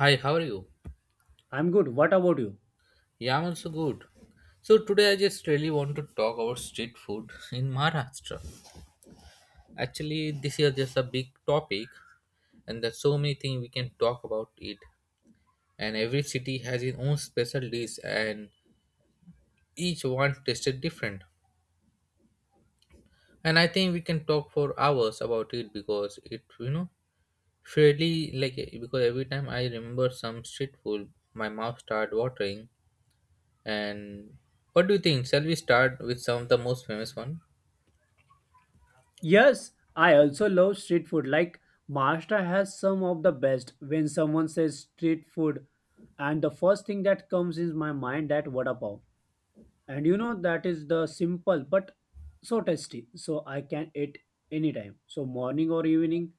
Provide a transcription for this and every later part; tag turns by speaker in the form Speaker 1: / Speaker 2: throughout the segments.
Speaker 1: Hi, how are you?
Speaker 2: I'm good. What about you?
Speaker 1: Yeah, I'm also good. So today I just really want to talk about street food in Maharashtra. Actually, this is just a big topic, and there's so many things we can talk about it. And every city has its own special dish, and each one tasted different. And I think we can talk for hours about it because it, fairly like because every time I remember some street food, my mouth start watering. And what do you think? Shall we start with some of the most famous one?
Speaker 2: Yes, I also love street food. Like Maharashtra has some of the best. When someone says street food, and the first thing that comes in my mind that vada pav. And you know that is the simple but so tasty, so I can eat anytime, so morning or evening.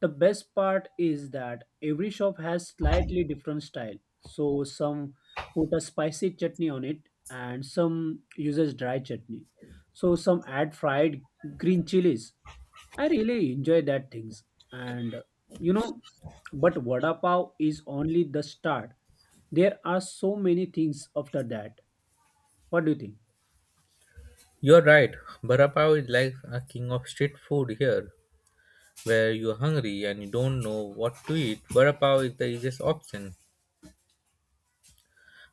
Speaker 2: The best part is that every shop has slightly different style, so some put a spicy chutney on it, and some uses dry chutney, so some add fried green chilies. I really enjoy that things. And you know But vada pav is only the start. There are so many things after that. What do you think?
Speaker 1: You're right. Vada pav is like a king of street food here, where you're hungry and you don't know what to eat. Vada pav is the easiest option.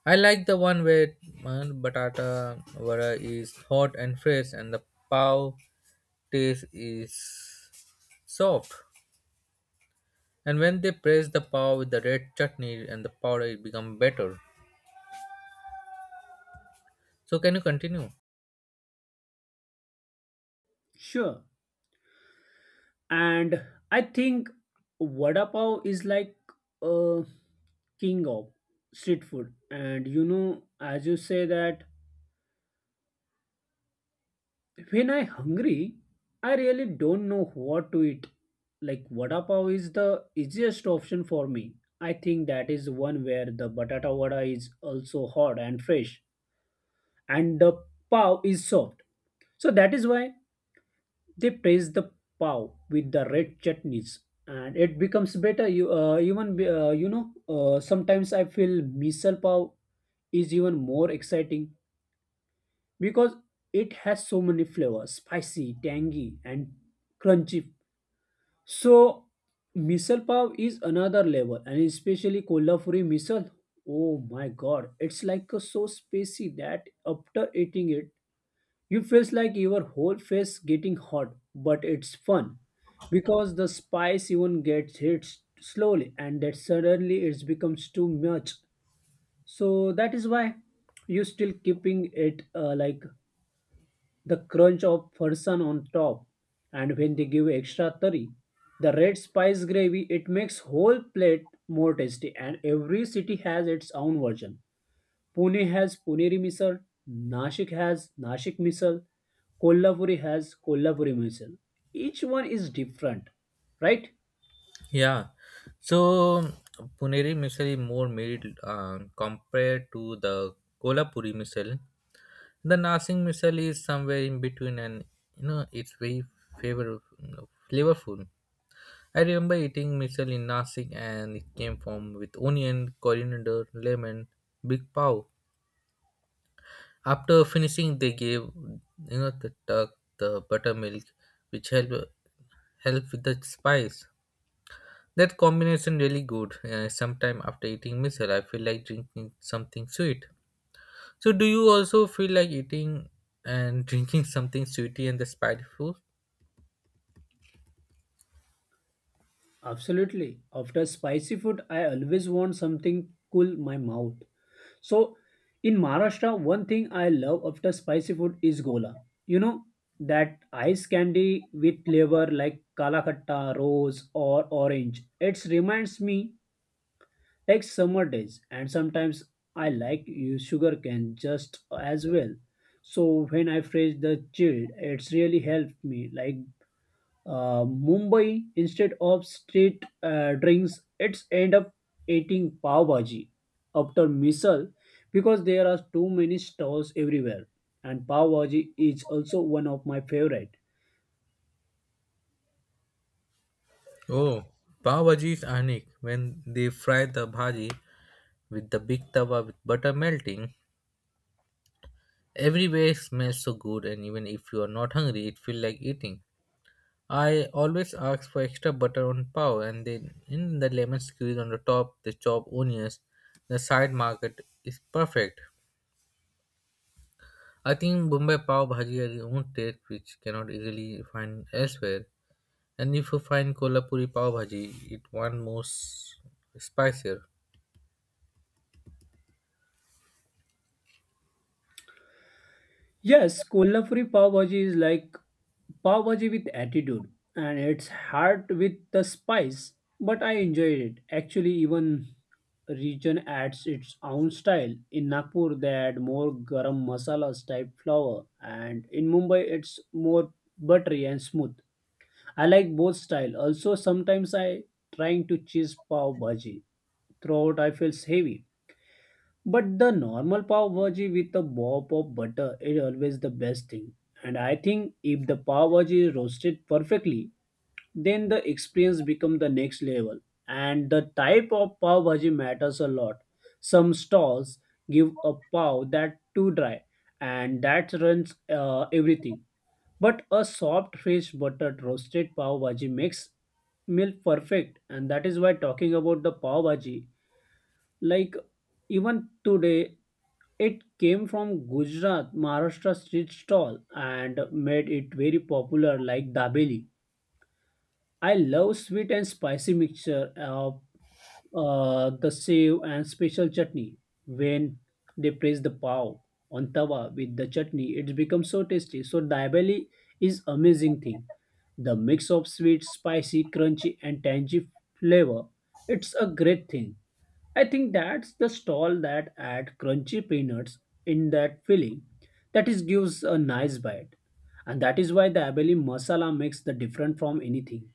Speaker 1: I like the one where batata vada is hot and fresh, and the pav taste is soft. And when they press the pav with the red chutney and the powder, it become better. So can you continue?
Speaker 2: Sure. And I think vada pav is like a king of street food. And you know, as you say that, when I hungry, I really don't know what to eat. Like vada pav is the easiest option for me. I think that is one where the batata vada is also hot and fresh, and the pav is soft. So that is why they praise the pav with the red chutneys, and it becomes better. You even sometimes I feel misal pav is even more exciting because it has so many flavors: spicy, tangy, and crunchy. So misal pav is another level, and especially Kolhapuri misal. Oh my god, it's like a so spicy that after eating it you feels like your whole face getting hot, but it's fun because the spice even gets hit slowly and that suddenly it becomes too much. So that is why you still keeping it, like the crunch of person on top, and when they give extra curry, the red spice gravy, it makes whole plate more tasty. And every city has its own version. Pune has Puneri misal, Nashik has Nashik misal, Kolhapuri has Kolhapuri misal. Each one is different, right?
Speaker 1: Yeah. So Puneri misal is more mild compared to the Kolhapuri misal. The Nasing missile is somewhere in between, and you know it's very favorable, flavorful. I remember eating missile in Nasik, and it came from with onion, coriander, lemon, big pav. After finishing, they gave you know the duck, the buttermilk, which help with the spice. That combination really good. Sometime after eating missile, I feel like drinking something sweet. So, do you also feel like eating and drinking something sweety and the spicy food?
Speaker 2: Absolutely. After spicy food, I always want something cool my mouth. So, in Maharashtra, one thing I love after spicy food is gola. You know, that ice candy with flavor like kala kalakatta, rose, or orange. It reminds me take summer days, and sometimes I like use sugar cane just as well. So when I freeze the chilled, it's really helped me. Like Mumbai, instead of street drinks, it's end up eating pav bhaji after misal because there are too many stalls everywhere. And pav bhaji is also one of my favorite.
Speaker 1: Oh, pav bhaji is unique. When they fry the bhaji with the big tawa with butter melting, everywhere smells so good and even if you are not hungry, it feels like eating. I always ask for extra butter on pav and then in the lemon squeeze on the top, the chopped onions, the side market is perfect. I think Bombay pav bhaji has its own taste which cannot easily find elsewhere. And if you find Kolhapuri pav bhaji, it one more spicier.
Speaker 2: Yes, Kolhapuri pav bhaji is like pav bhaji with attitude, and it's hard with the spice, but I enjoyed it. Actually, even region adds its own style. In Nagpur, they add more garam masalas type flour, and in Mumbai, it's more buttery and smooth. I like both style. Also, sometimes I trying to cheese pav bhaji. Throughout, I feels heavy, but the normal pav bhaji with a bob of butter is always the best thing. And I think if the pav bhaji is roasted perfectly, then the experience become the next level. And the type of pav bhaji matters a lot. Some stalls give a pav that too dry, and that runs everything, but a soft fresh buttered roasted pav bhaji makes meal perfect. And that is why talking about the pav bhaji, like, even today, it came from Gujarat Maharashtra street stall and made it very popular, like dabeli. I love sweet and spicy mixture of the sev and special chutney. When they place the pav on tawa with the chutney, it becomes so tasty. So dabeli is amazing thing. The mix of sweet, spicy, crunchy, and tangy flavor. It's a great thing. I think that's the stall that add crunchy peanuts in that filling. That is gives a nice bite, and that is why the abeli masala makes the different from anything.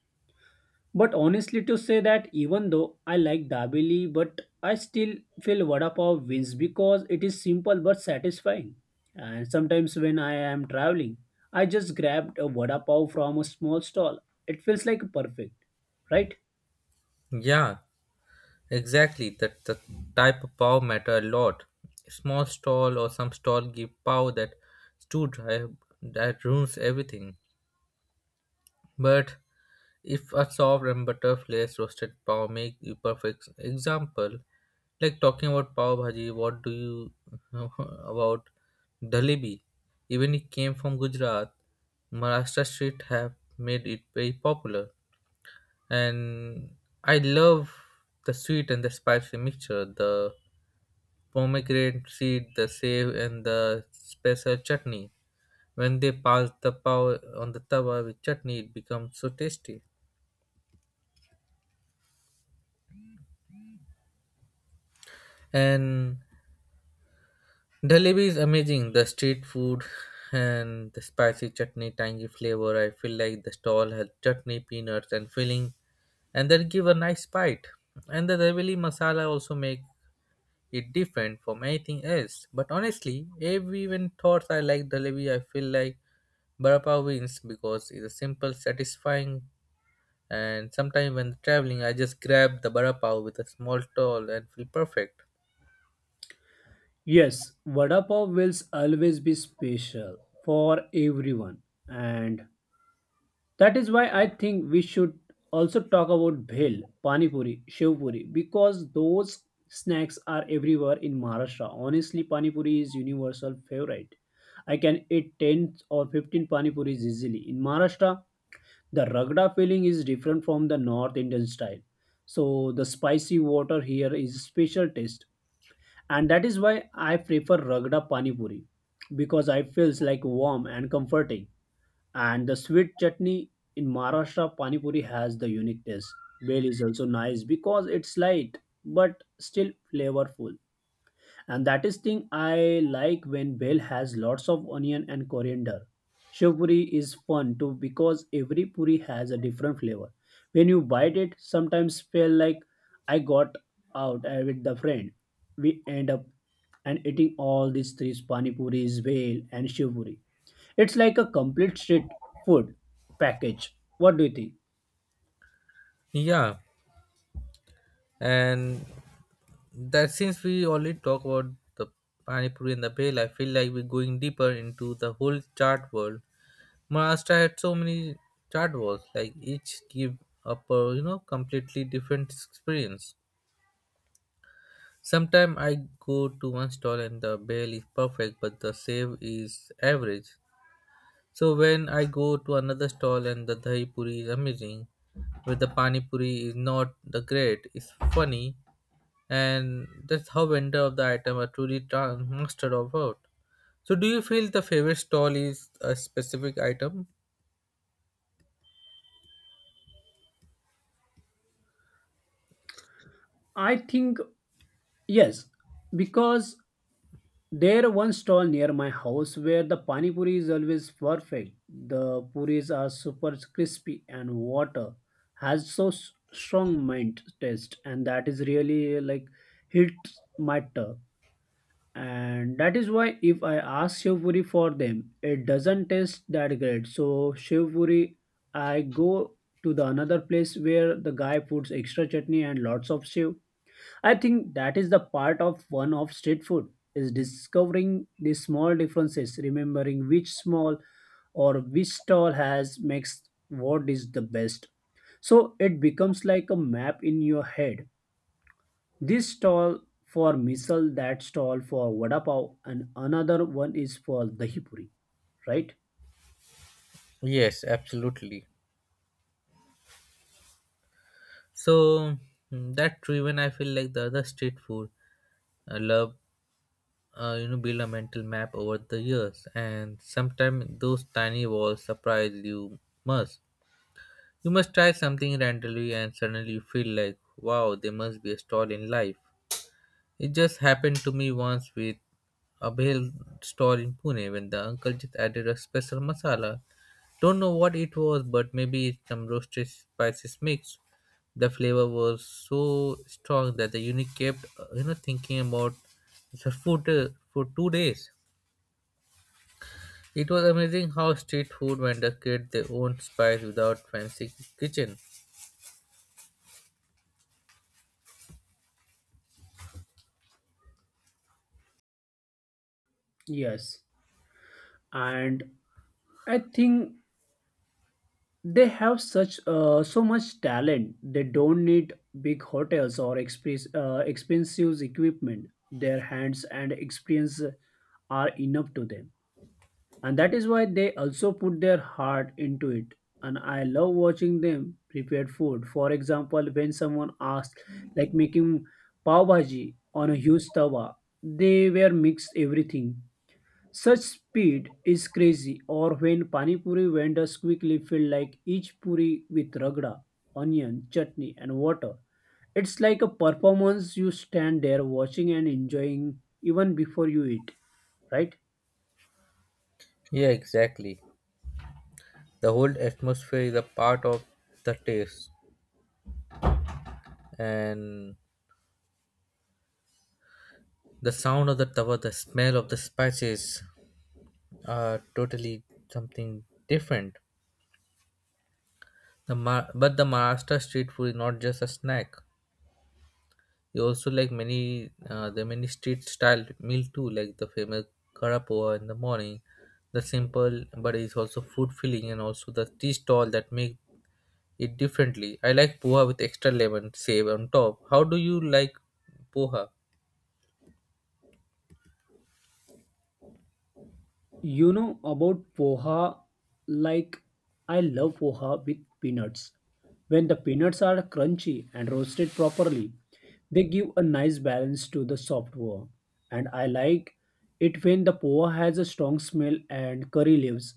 Speaker 2: But honestly, to say that even though I like dabeli, but I still feel vada pav wins because it is simple but satisfying. And sometimes when I am traveling, I just grabbed a vada pav from a small stall. It feels like perfect, right?
Speaker 1: Yeah, exactly, that the type of pav matter a lot. Small stall or some stall give pav that too dry that ruins everything. But if a soft and butterflies roasted pav make the perfect example, like talking about pav bhaji, what do you know about dalebi? Even it came from Gujarat, Maharashtra street have made it very popular. And I love the sweet and the spicy mixture. The pomegranate seed, the save, and the special chutney. When they pass the pav on the tawa with chutney, it becomes so tasty. And Dhalebi is amazing. The street food and the spicy chutney, tangy flavor. I feel like the stall has chutney, peanuts, and filling, and that give a nice bite. And the Dhalebi masala also make it different from anything else. But honestly, every even thoughts I like Dhalebi, I feel like Barappa wins because it's simple, satisfying, and sometimes when traveling, I just grab the barappa with a small towel and feel perfect.
Speaker 2: Yes, vada pav will always be special for everyone, and that is why I think we should also talk about bhel, pani puri, shev puri because those snacks are everywhere in Maharashtra. Honestly, pani puri is universal favorite. I can eat 10 or 15 pani puris easily. In Maharashtra, the ragda filling is different from the North Indian style. So the spicy water here is special taste, and that is why I prefer ragda pani puri because I feels like warm and comforting. And the sweet chutney in Maharashtra pani puri has the unique taste. Bel is also nice because it's light but still flavorful. And that is thing I like when bel has lots of onion and coriander. Shev puri is fun too because every puri has a different flavor. When you bite it, sometimes feel like I got out with the friend. We end up and eating all these three pani puris, bel and shev puri. It's like a complete street food package. What do you think?
Speaker 1: Yeah, and that since we already talk about the pani puri and the bhel, I feel like we're going deeper into the whole chart world. Maharashtra had so many chart worlds, like each give up a you know completely different experience. Sometimes I go to one stall and the bhel is perfect, but the save is average. So when I go to another stall and the dahi puri is amazing, but the pani puri is not the great, it's funny, and that's how vendor of the item are truly master of art. So do you feel the favorite stall is a specific item?
Speaker 2: I think yes, because there one stall near my house where the pani puri is always perfect. The puris are super crispy and water has so strong mint taste, and that is really like hit my tongue. And that is why if I ask Shivpuri for them, it doesn't taste that great. So Shivpuri, I go to the another place where the guy puts extra chutney and lots of shiv. I think that is the part of one of street food is discovering the small differences, remembering which small or which stall has makes what is the best. So it becomes like a map in your head: this stall for misal, that stall for vada pav, and another one is for dahi puri, right?
Speaker 1: Yes, absolutely. So that driven, I feel like the other street food I love. Build a mental map over the years, and sometimes those tiny walls surprise you most. You must try something randomly and suddenly you feel like, wow, there must be a stall in life. It just happened to me once with a bhel stall in Pune when the uncle just added a special masala. Don't know what it was, but maybe it's some roasted spices mix. The flavor was so strong that the unit kept, thinking about the food for 2 days. It was amazing how street food vendors create their own spice without fancy kitchen.
Speaker 2: Yes. And I think they have such so much talent. They don't need big hotels or expensive equipment. Their hands and experience are enough to them. And that is why they also put their heart into it, and I love watching them prepare food. For example, when someone asked, like, making pav bhaji on a huge tawa, they were mixed everything such speed is crazy. Or when pani puri vendors quickly fill like each puri with ragda, onion, chutney and water, it's like a performance. You stand there watching and enjoying even before you eat, right?
Speaker 1: Yeah, exactly. The whole atmosphere is a part of the taste, and the sound of the tawa, the smell of the spices are totally something different. The but the Maharashtra street food is not just a snack. You also like many the many street style meal too, like the famous karapoa in the morning. The simple but it's also food filling and also the tea stall that make it differently. I like poha with extra lemon save on top. How do you like poha?
Speaker 2: You know about poha? Like, I love poha with peanuts. When the peanuts are crunchy and roasted properly, they give a nice balance to the soft poha. And I like it when the poha has a strong smell and curry leaves.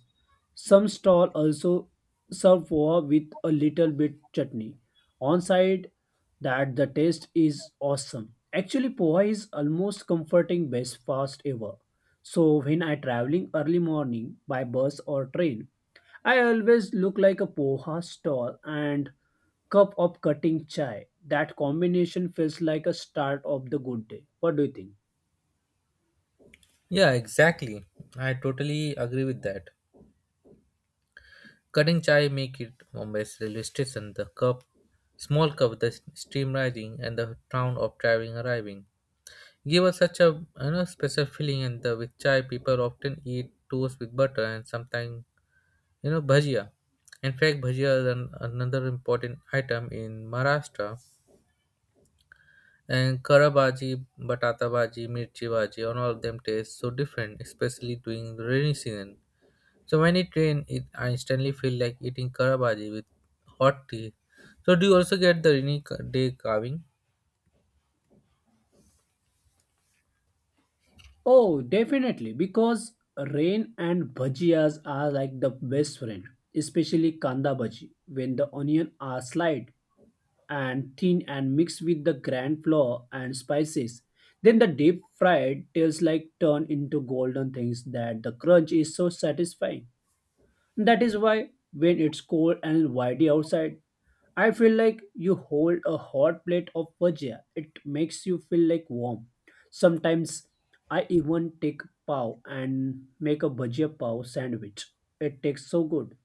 Speaker 2: Some stall also serve poha with a little bit chutney on side, that the taste is awesome. Actually, poha is almost comforting best fast ever. So when I traveling early morning by bus or train, I always look like a poha stall and cup of cutting chai. That combination feels like a start of the good day. What do you think?
Speaker 1: Yeah, exactly. I totally agree with that. Cutting chai make it Mumbai's railway station, the cup, small cup, with the steam rising, and the sound of driving arriving. Give us such a you know special feeling, and the with chai people often eat toast with butter and sometimes you know bhajia. In fact, bhajia is an, another important item in Maharashtra. And karabaji, batata bhaji, mirchi bhaji, and all of them taste so different, especially during the rainy season. So when it rains, it, I instantly feel like eating karabhaji with hot tea. So do you also get the rainy day carving?
Speaker 2: Oh, definitely, because rain and bhajias are like the best friend, especially kanda bhaji, when the onion are sliced and thin and mixed with the grand flour and spices. Then the deep fried tails like turn into golden things, that the crunch is so satisfying. That is why when it's cold and windy outside, I feel like you hold a hot plate of bhajia. It makes you feel like warm. Sometimes I even take pav and make a bhajia pav sandwich. It tastes so good.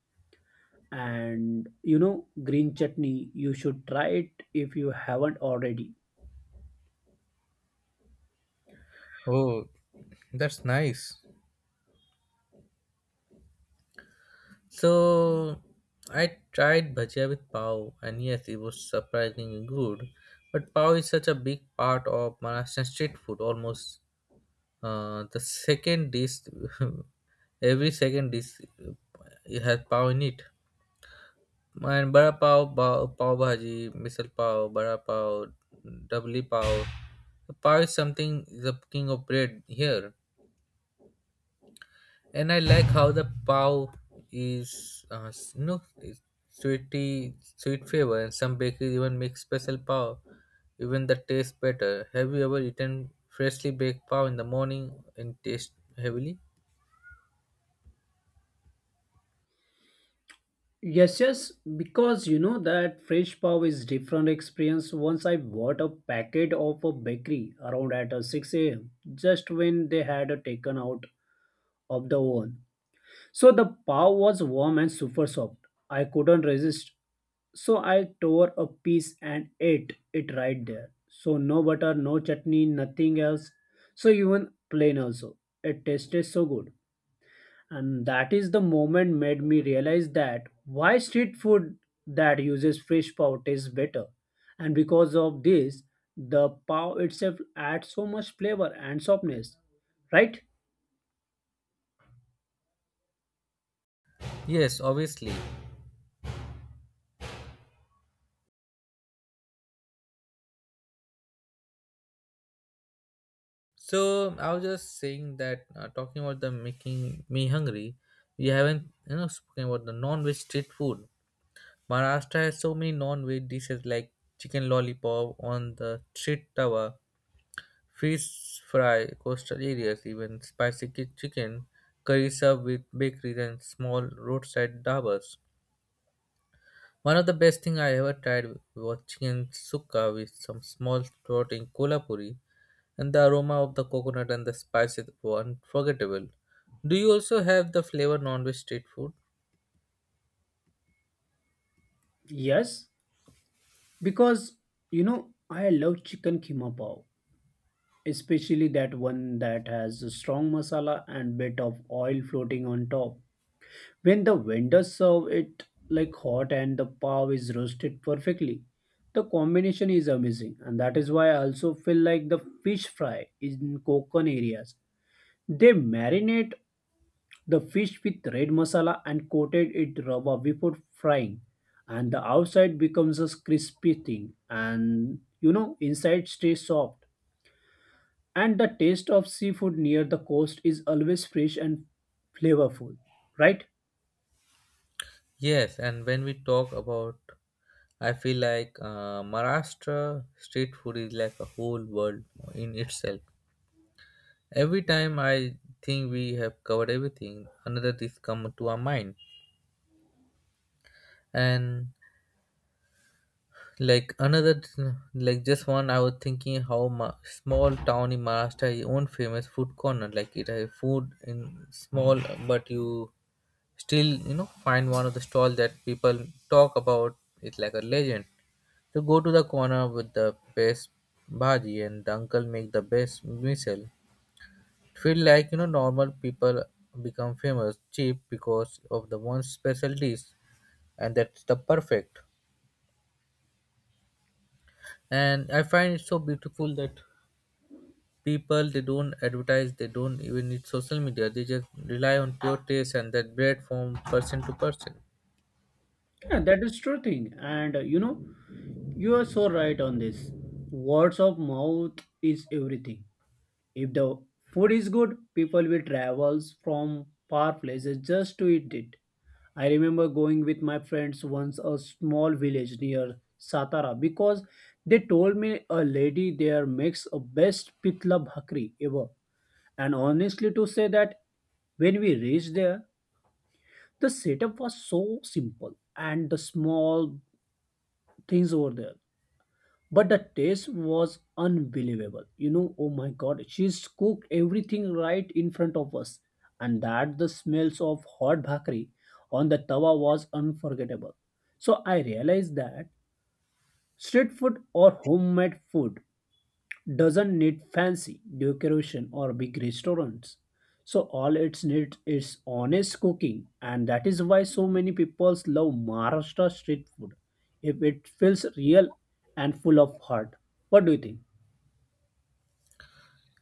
Speaker 2: And you know, green chutney, you should try it if you haven't already.
Speaker 1: Oh, that's nice. So I tried bhajia with pav, and yes, it was surprisingly good. But pav is such a big part of Maharashtrian street food, almost the second dish, every second dish it has pav in it. And Bada Pav, Pav Bhaji, Misal Pav, Bada Pav, Doubly Pav. Pav is something, the king of bread here. And I like how the Pav is, is sweety, sweet flavor. And some bakeries even make special Pav, even the taste better. Have you ever eaten freshly baked Pav in the morning and taste heavily?
Speaker 2: Yes, yes, because you know that fresh pav is different experience. Once I bought a packet of a bakery around at 6 a.m. just when they had taken out of the oven. So the pav was warm and super soft. I couldn't resist. So I tore a piece and ate it right there. So no butter, no chutney, nothing else. So even plain also. It tasted so good. And that is the moment made me realize that why street food that uses fresh pav tastes better. And because of this, the pav itself adds so much flavor and softness. Right?
Speaker 1: Yes, obviously. So I was just saying that talking about the making me hungry, we haven't you know spoken about the non-veg street food. Maharashtra has so many non-veg dishes like chicken lollipop on the street tawa, fish fry, coastal areas, even spicy chicken, curry served with bakeries and small roadside dabas. One of the best thing I ever tried was chicken sukka with some small throat in Kolhapuri, and the aroma of the coconut and the spices were unforgettable. Do you also have the flavor non-veg street food?
Speaker 2: Yes. Because, you know, I love chicken keema pav, especially that one that has a strong masala and bit of oil floating on top. When the vendors serve it like hot and the pav is roasted perfectly, the combination is amazing. And that is why I also feel like the fish fry in Konkan areas. They marinate the fish with red masala and coated it rawa before frying, and the outside becomes a crispy thing, and you know inside stays soft, and the taste of seafood near the coast is always fresh and flavorful, right?
Speaker 1: Yes, and when we talk about, I feel like Maharashtra street food is like a whole world in itself. Every time I think we have covered everything, another dish come to our mind, and like another, like just one, I was thinking how small town in Maharashtra has own famous food corner. Like it has food in small, but you still you know find one of the stall that people talk about. It's like a legend. So go to the corner with the best bhaji, and the uncle make the best misal. Feel like you know normal people become famous cheap because of the one special dish, and that's the perfect. And I find it so beautiful that people they don't advertise, they don't even need social media, they just rely on pure taste and that bread from person to person.
Speaker 2: Yeah, that is true thing, and you know, you are so right on this. Words of mouth is everything. If the food is good, people will travel from far places just to eat it. I remember going with my friends once a small village near Satara because they told me a lady there makes a best pitla bhakri ever. And honestly to say that when we reached there, the setup was so simple and the small things over there, but the taste was unbelievable. You know, oh my god, she's cooked everything right in front of us, and that the smells of hot bhakri on the tawa was unforgettable. So I realized that street food or homemade food doesn't need fancy decoration or big restaurants. So all it needs is honest cooking, and that is why so many people love Maharashtra street food. If it feels real and full of heart. What do you think?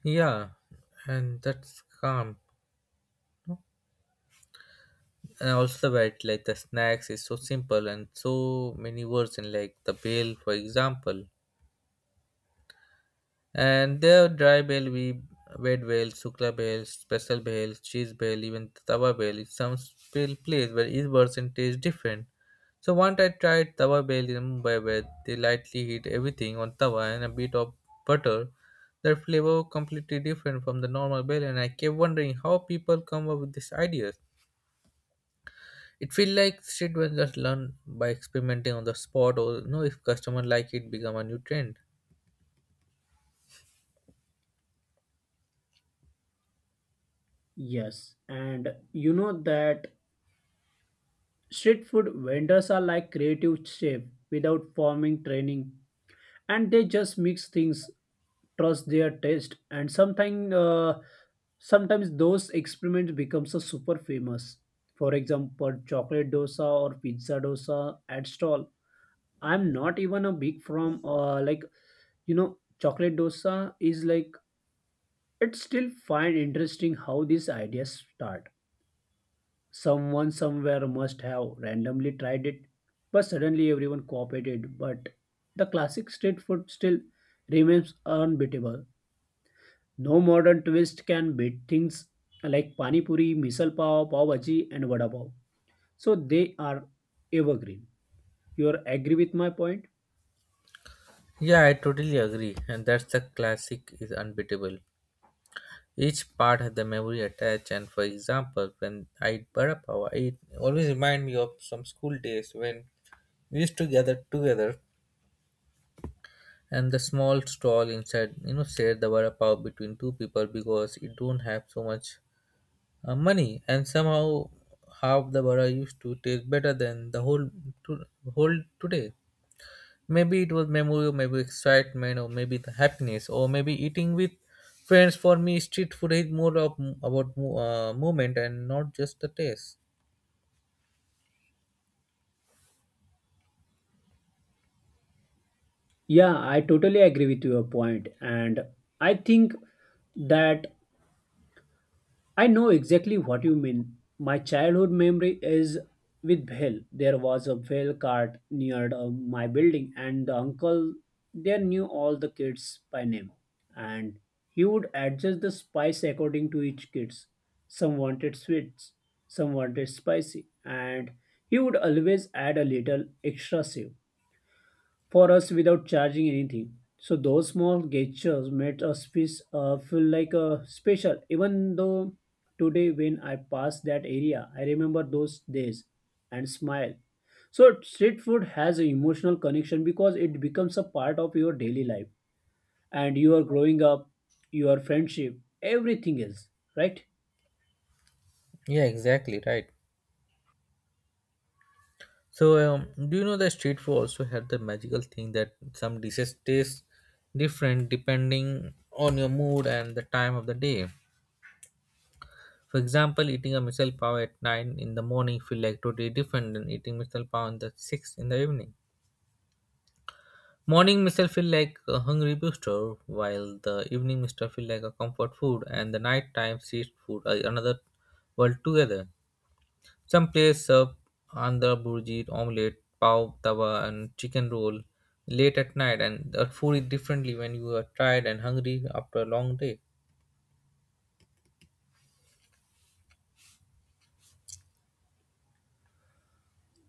Speaker 1: Yeah, and that's calm, and also the variety like the snacks is so simple and so many words in like the bale for example. And there are dry bale, we wet bale, sukla bale, special bale, cheese bale, even tawa bale. It's some bale place where each version tastes different. So once I tried tawa bale in Mumbai where they lightly heat everything on tawa and a bit of butter. Their flavor completely different from the normal bale and I kept wondering how people come up with these ideas. It feels like street vendors learn by experimenting on the spot or you know if customer like it become a new trend.
Speaker 2: Yes, and you know that street food vendors are like creative chef without forming training, and they just mix things, trust their taste, and sometimes those experiments becomes a super famous. For example, chocolate dosa or pizza dosa at stall. I'm not even a big from like, you know, chocolate dosa is like, it's still find interesting how these ideas start. Someone somewhere must have randomly tried it, but suddenly everyone copied it. But the classic street food still remains unbeatable. No modern twist can beat things like pani puri, misal pav, pav bhaji, and vada pav. So they are evergreen. You are agree with my point?
Speaker 1: Yeah, I totally agree, and that's the classic is unbeatable. Each part had the memory attached, and for example, when I eat vada pav, it always remind me of some school days when we used to gather together, and the small stall inside, you know, shared the vada pav between two people because it don't have so much money, and somehow half the vada used to taste better than the whole to, whole today. Maybe it was memory or maybe excitement or maybe the happiness or maybe eating with friends. For me street food is more of about movement and not just the taste.
Speaker 2: Yeah, I totally agree with your point, and I think that I know exactly what you mean. My childhood memory is with Bhel. There was a Bhel cart near my building, and the uncle there knew all the kids by name, and he would adjust the spice according to each kids. Some wanted sweets, some wanted spicy, and he would always add a little extra save for us without charging anything. So those small gestures made us feel, special. Even though today when I pass that area, I remember those days and smile. So street food has an emotional connection because it becomes a part of your daily life and your growing up, your friendship, everything else, right?
Speaker 1: Yeah, exactly, right. So do you know that street food also had the magical thing that some dishes taste different depending on your mood and the time of the day? For example, eating a misal pav at 9 in the morning feel like totally different than eating misal pav in the 6 in the evening. Morning mist feel like a hungry booster, while the evening Mr. feel like a comfort food, and the nighttime street food are another world together. Some place serve andhra burji, omelette, pav, tawa, and chicken roll late at night, and the food is differently when you are tired and hungry after a long day.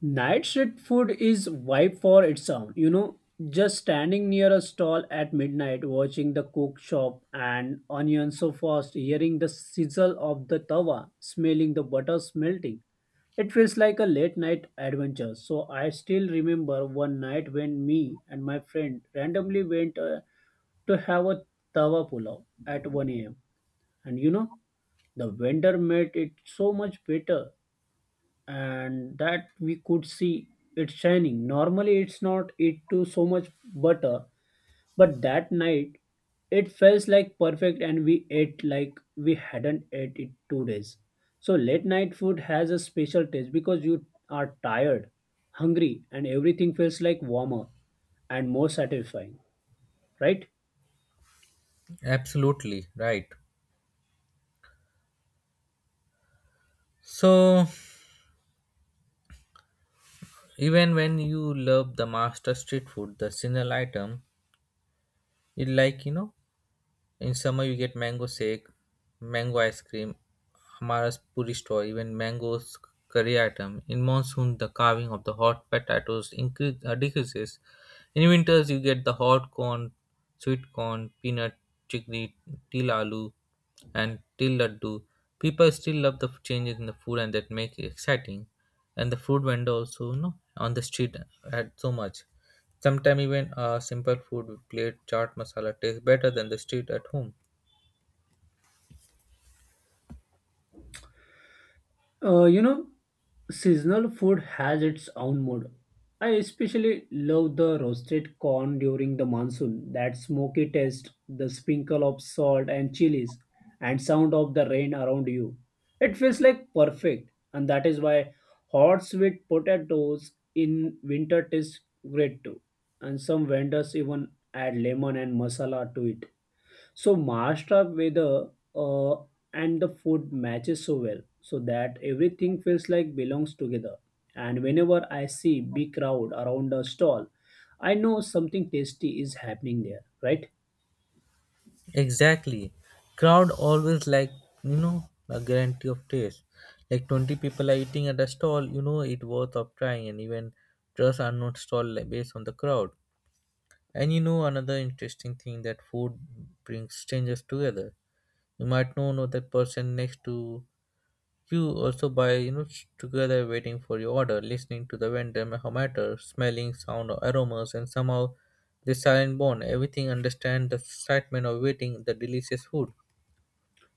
Speaker 2: Night street food is vibe for its own. You know, just standing near a stall at midnight, watching the cook chop and onion so fast, hearing the sizzle of the tawa, smelling the butter melting. It feels like a late night adventure. So I still remember one night when me and my friend randomly went to have a tawa pulao at 1 a.m. And you know, the vendor made it so much better, and that we could see it shining. Normally, it's not it to so much butter, but that night it felt like perfect, and we ate like we hadn't ate it 2 days. So late night food has a special taste because you are tired, hungry, and everything feels like warmer and more satisfying, right?
Speaker 1: Absolutely right. So even when you love the master street food, the single item, it like you know. In summer, you get mango shake, mango ice cream, Amara's puri store, even mangoes curry item. In monsoon, the carving of the hot potatoes decreases. In winters, you get the hot corn, sweet corn, peanut, chickpea, til aloo, and till laddu. People still love the changes in the food and that make it exciting. And the food vendor also, you know, on the street had so much. Sometimes even a simple food plate chaat masala tastes better than the street at home.
Speaker 2: You know, seasonal food has its own mood. I especially love the roasted corn during the monsoon, that smoky taste, the sprinkle of salt and chilies, and sound of the rain around you. It feels like perfect, and that is why hot sweet potatoes in winter taste great too. And some vendors even add lemon and masala to it. So Maharashtra weather and the food matches so well, so that everything feels like belongs together. And whenever I see big crowd around a stall, I know something tasty is happening there, right?
Speaker 1: Exactly. Crowd always like, you know, a guarantee of taste. Like 20 people are eating at a stall, you know it worth of trying, and even trust unknown stall like based on the crowd. And you know another interesting thing that food brings strangers together. You might not know that person next to you also buy, you know, together waiting for your order, listening to the vendor matter, smelling sound or aromas, and somehow the silent bond. Everything understand the excitement of waiting, the delicious food.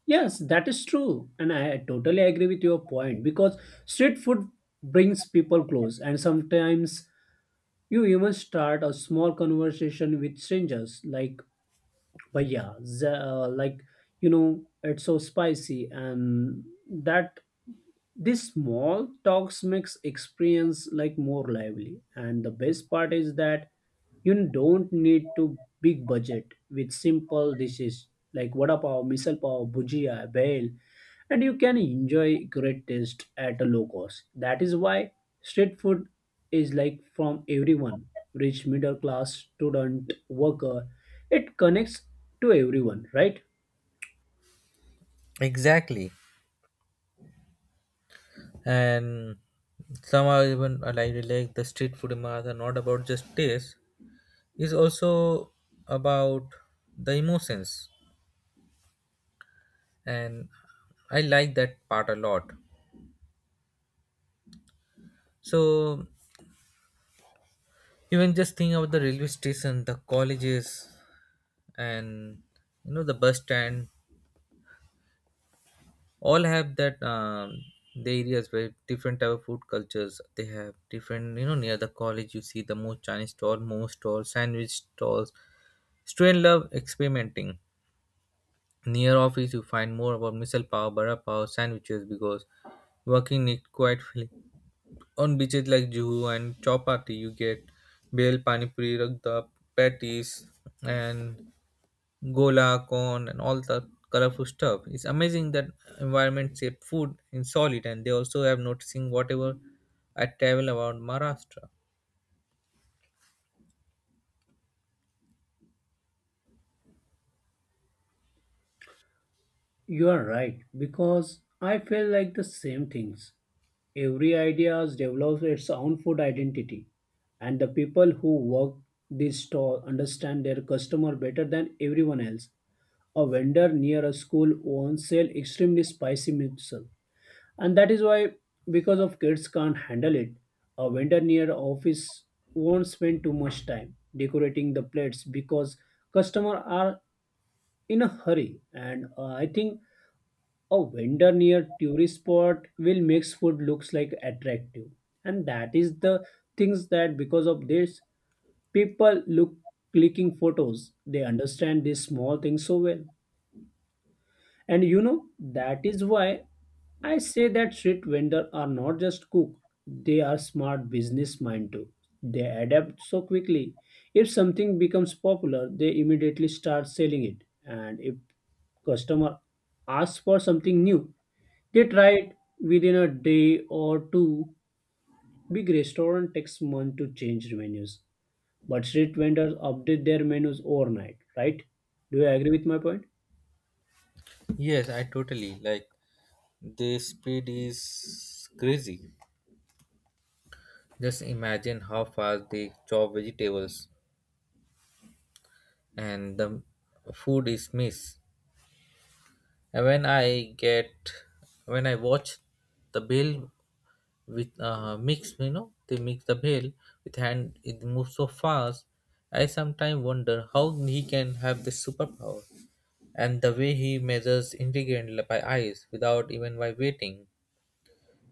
Speaker 2: Yes, that is true, and I totally agree with your point because street food brings people close, and sometimes you even start a small conversation with strangers, like "Bhaiya," like, you know, it's so spicy, and that this small talks makes experience like more lively, and the best part is that you don't need to big budget with simple dishes like vada pav, misal pav, bhujia, bhel, and you can enjoy great taste at a low cost. That is why street food is like from everyone, rich, middle class, student, worker. It connects to everyone, right?
Speaker 1: Exactly. And somehow even like the street food in are not about just taste, is also about the emotions. And I like that part a lot. So even just think about the railway station, the colleges, and you know the bus stand all have that the areas where different type of food cultures they have different, you know. Near the college you see the most Chinese stall, more stalls, sandwich stalls. Student love experimenting. Near office you find more about missile power, bara power, sandwiches because working it quite fully. On beaches like Juhu and Chowpatty you get bel pani puri, ragda, patties, and gola, corn, and all the colorful stuff. It's amazing that environment shape food in solid, and they also have noticing whatever I travel around Maharashtra.
Speaker 2: You are right because I feel like the same things. Every idea develops its own food identity, and the people who work this store understand their customer better than everyone else. A vendor near a school won't sell extremely spicy miso, and that is why because of kids can't handle it. A vendor near office won't spend too much time decorating the plates because customers are in a hurry, and I think a vendor near tourist spot will makes food looks like attractive, and that is the things that because of this people look clicking photos. They understand these small things so well. And you know, that is why I say that street vendors are not just cook, they are smart business mind too. They adapt so quickly. If something becomes popular, they immediately start selling it. And if customer asks for something new, they try it within a day or two. Big restaurant takes months to change menus, but street vendors update their menus overnight, right? Do you agree with my point?
Speaker 1: Yes, I totally like the speed is crazy. Just imagine how fast they chop vegetables and the food is missed. And when I watch the bill with mix, you know, they mix the bale with hand, it moves so fast. I sometimes wonder how he can have this superpower, and the way he measures ingredient by eyes without even vibrating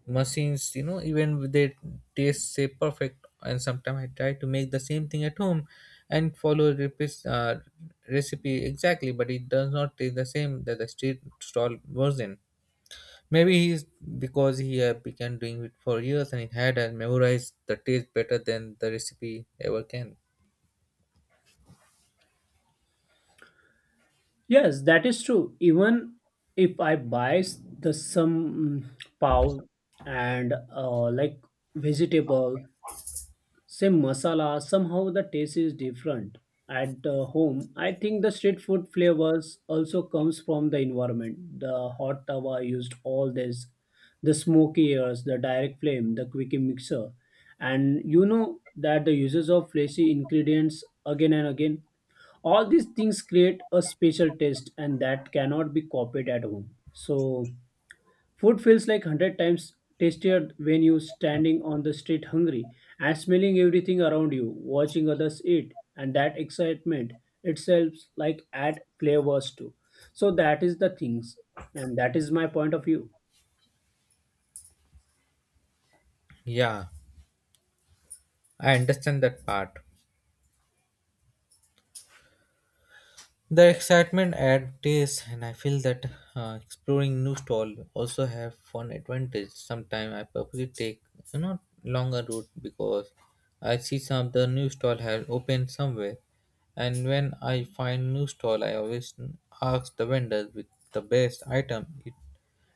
Speaker 1: machines, you know. Even with they taste say perfect, and sometimes I try to make the same thing at home and follow recipe exactly, but it does not taste the same that the street stall version. Maybe he's because he had began doing it for years, and he had and memorized the taste better than the recipe ever can.
Speaker 2: Yes, that is true. Even if I buy the some pav and like vegetable, same masala, somehow the taste is different at home. I think the street food flavors also comes from the environment. The hot tawa used all this, the smoky airs, the direct flame, the quickie mixer, and you know that the uses of flashy ingredients again and again, all these things create a special taste and that cannot be copied at home. So food feels like 100 times tastier when you standing on the street hungry and smelling everything around you watching others eat, and that excitement itself like add flavors too. So that is the things, and that is my point of view.
Speaker 1: Yeah, I understand that part. The excitement at taste, and I feel that exploring new stall also have fun advantage. Sometimes I purposely take, you know, longer route because I see some of the new stall have opened somewhere, and when I find new stall, I always ask the vendors with the best item. It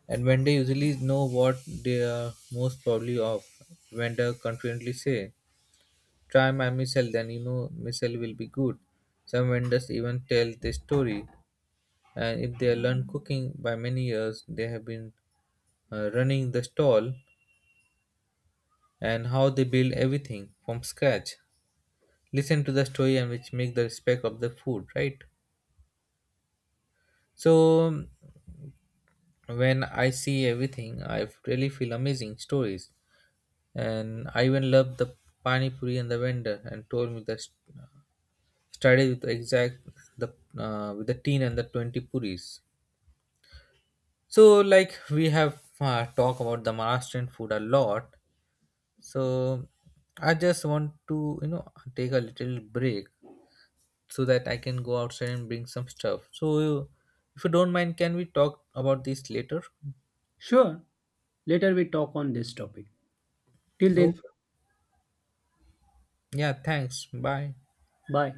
Speaker 1: And when they usually know what they are most probably of, vendor confidently say, try my missile, then you know missile will be good. Some vendors even tell the story. And if they learn cooking by many years, they have been running the stall and how they build everything from scratch. Listen to the story and which make the respect of the food, right? So when I see everything, I really feel amazing stories. And I even loved the pani puri and the vendor, and told me that started with the exact the with the teen and the 20 puris. So like we have talked about the Maharashtrian food a lot. So I just want to, you know, take a little break so that I can go outside and bring some stuff. So if you don't mind, can we talk about this later?
Speaker 2: Sure, later we talk on this topic, till
Speaker 1: Oh
Speaker 2: then
Speaker 1: yeah, thanks. Bye.
Speaker 2: bye.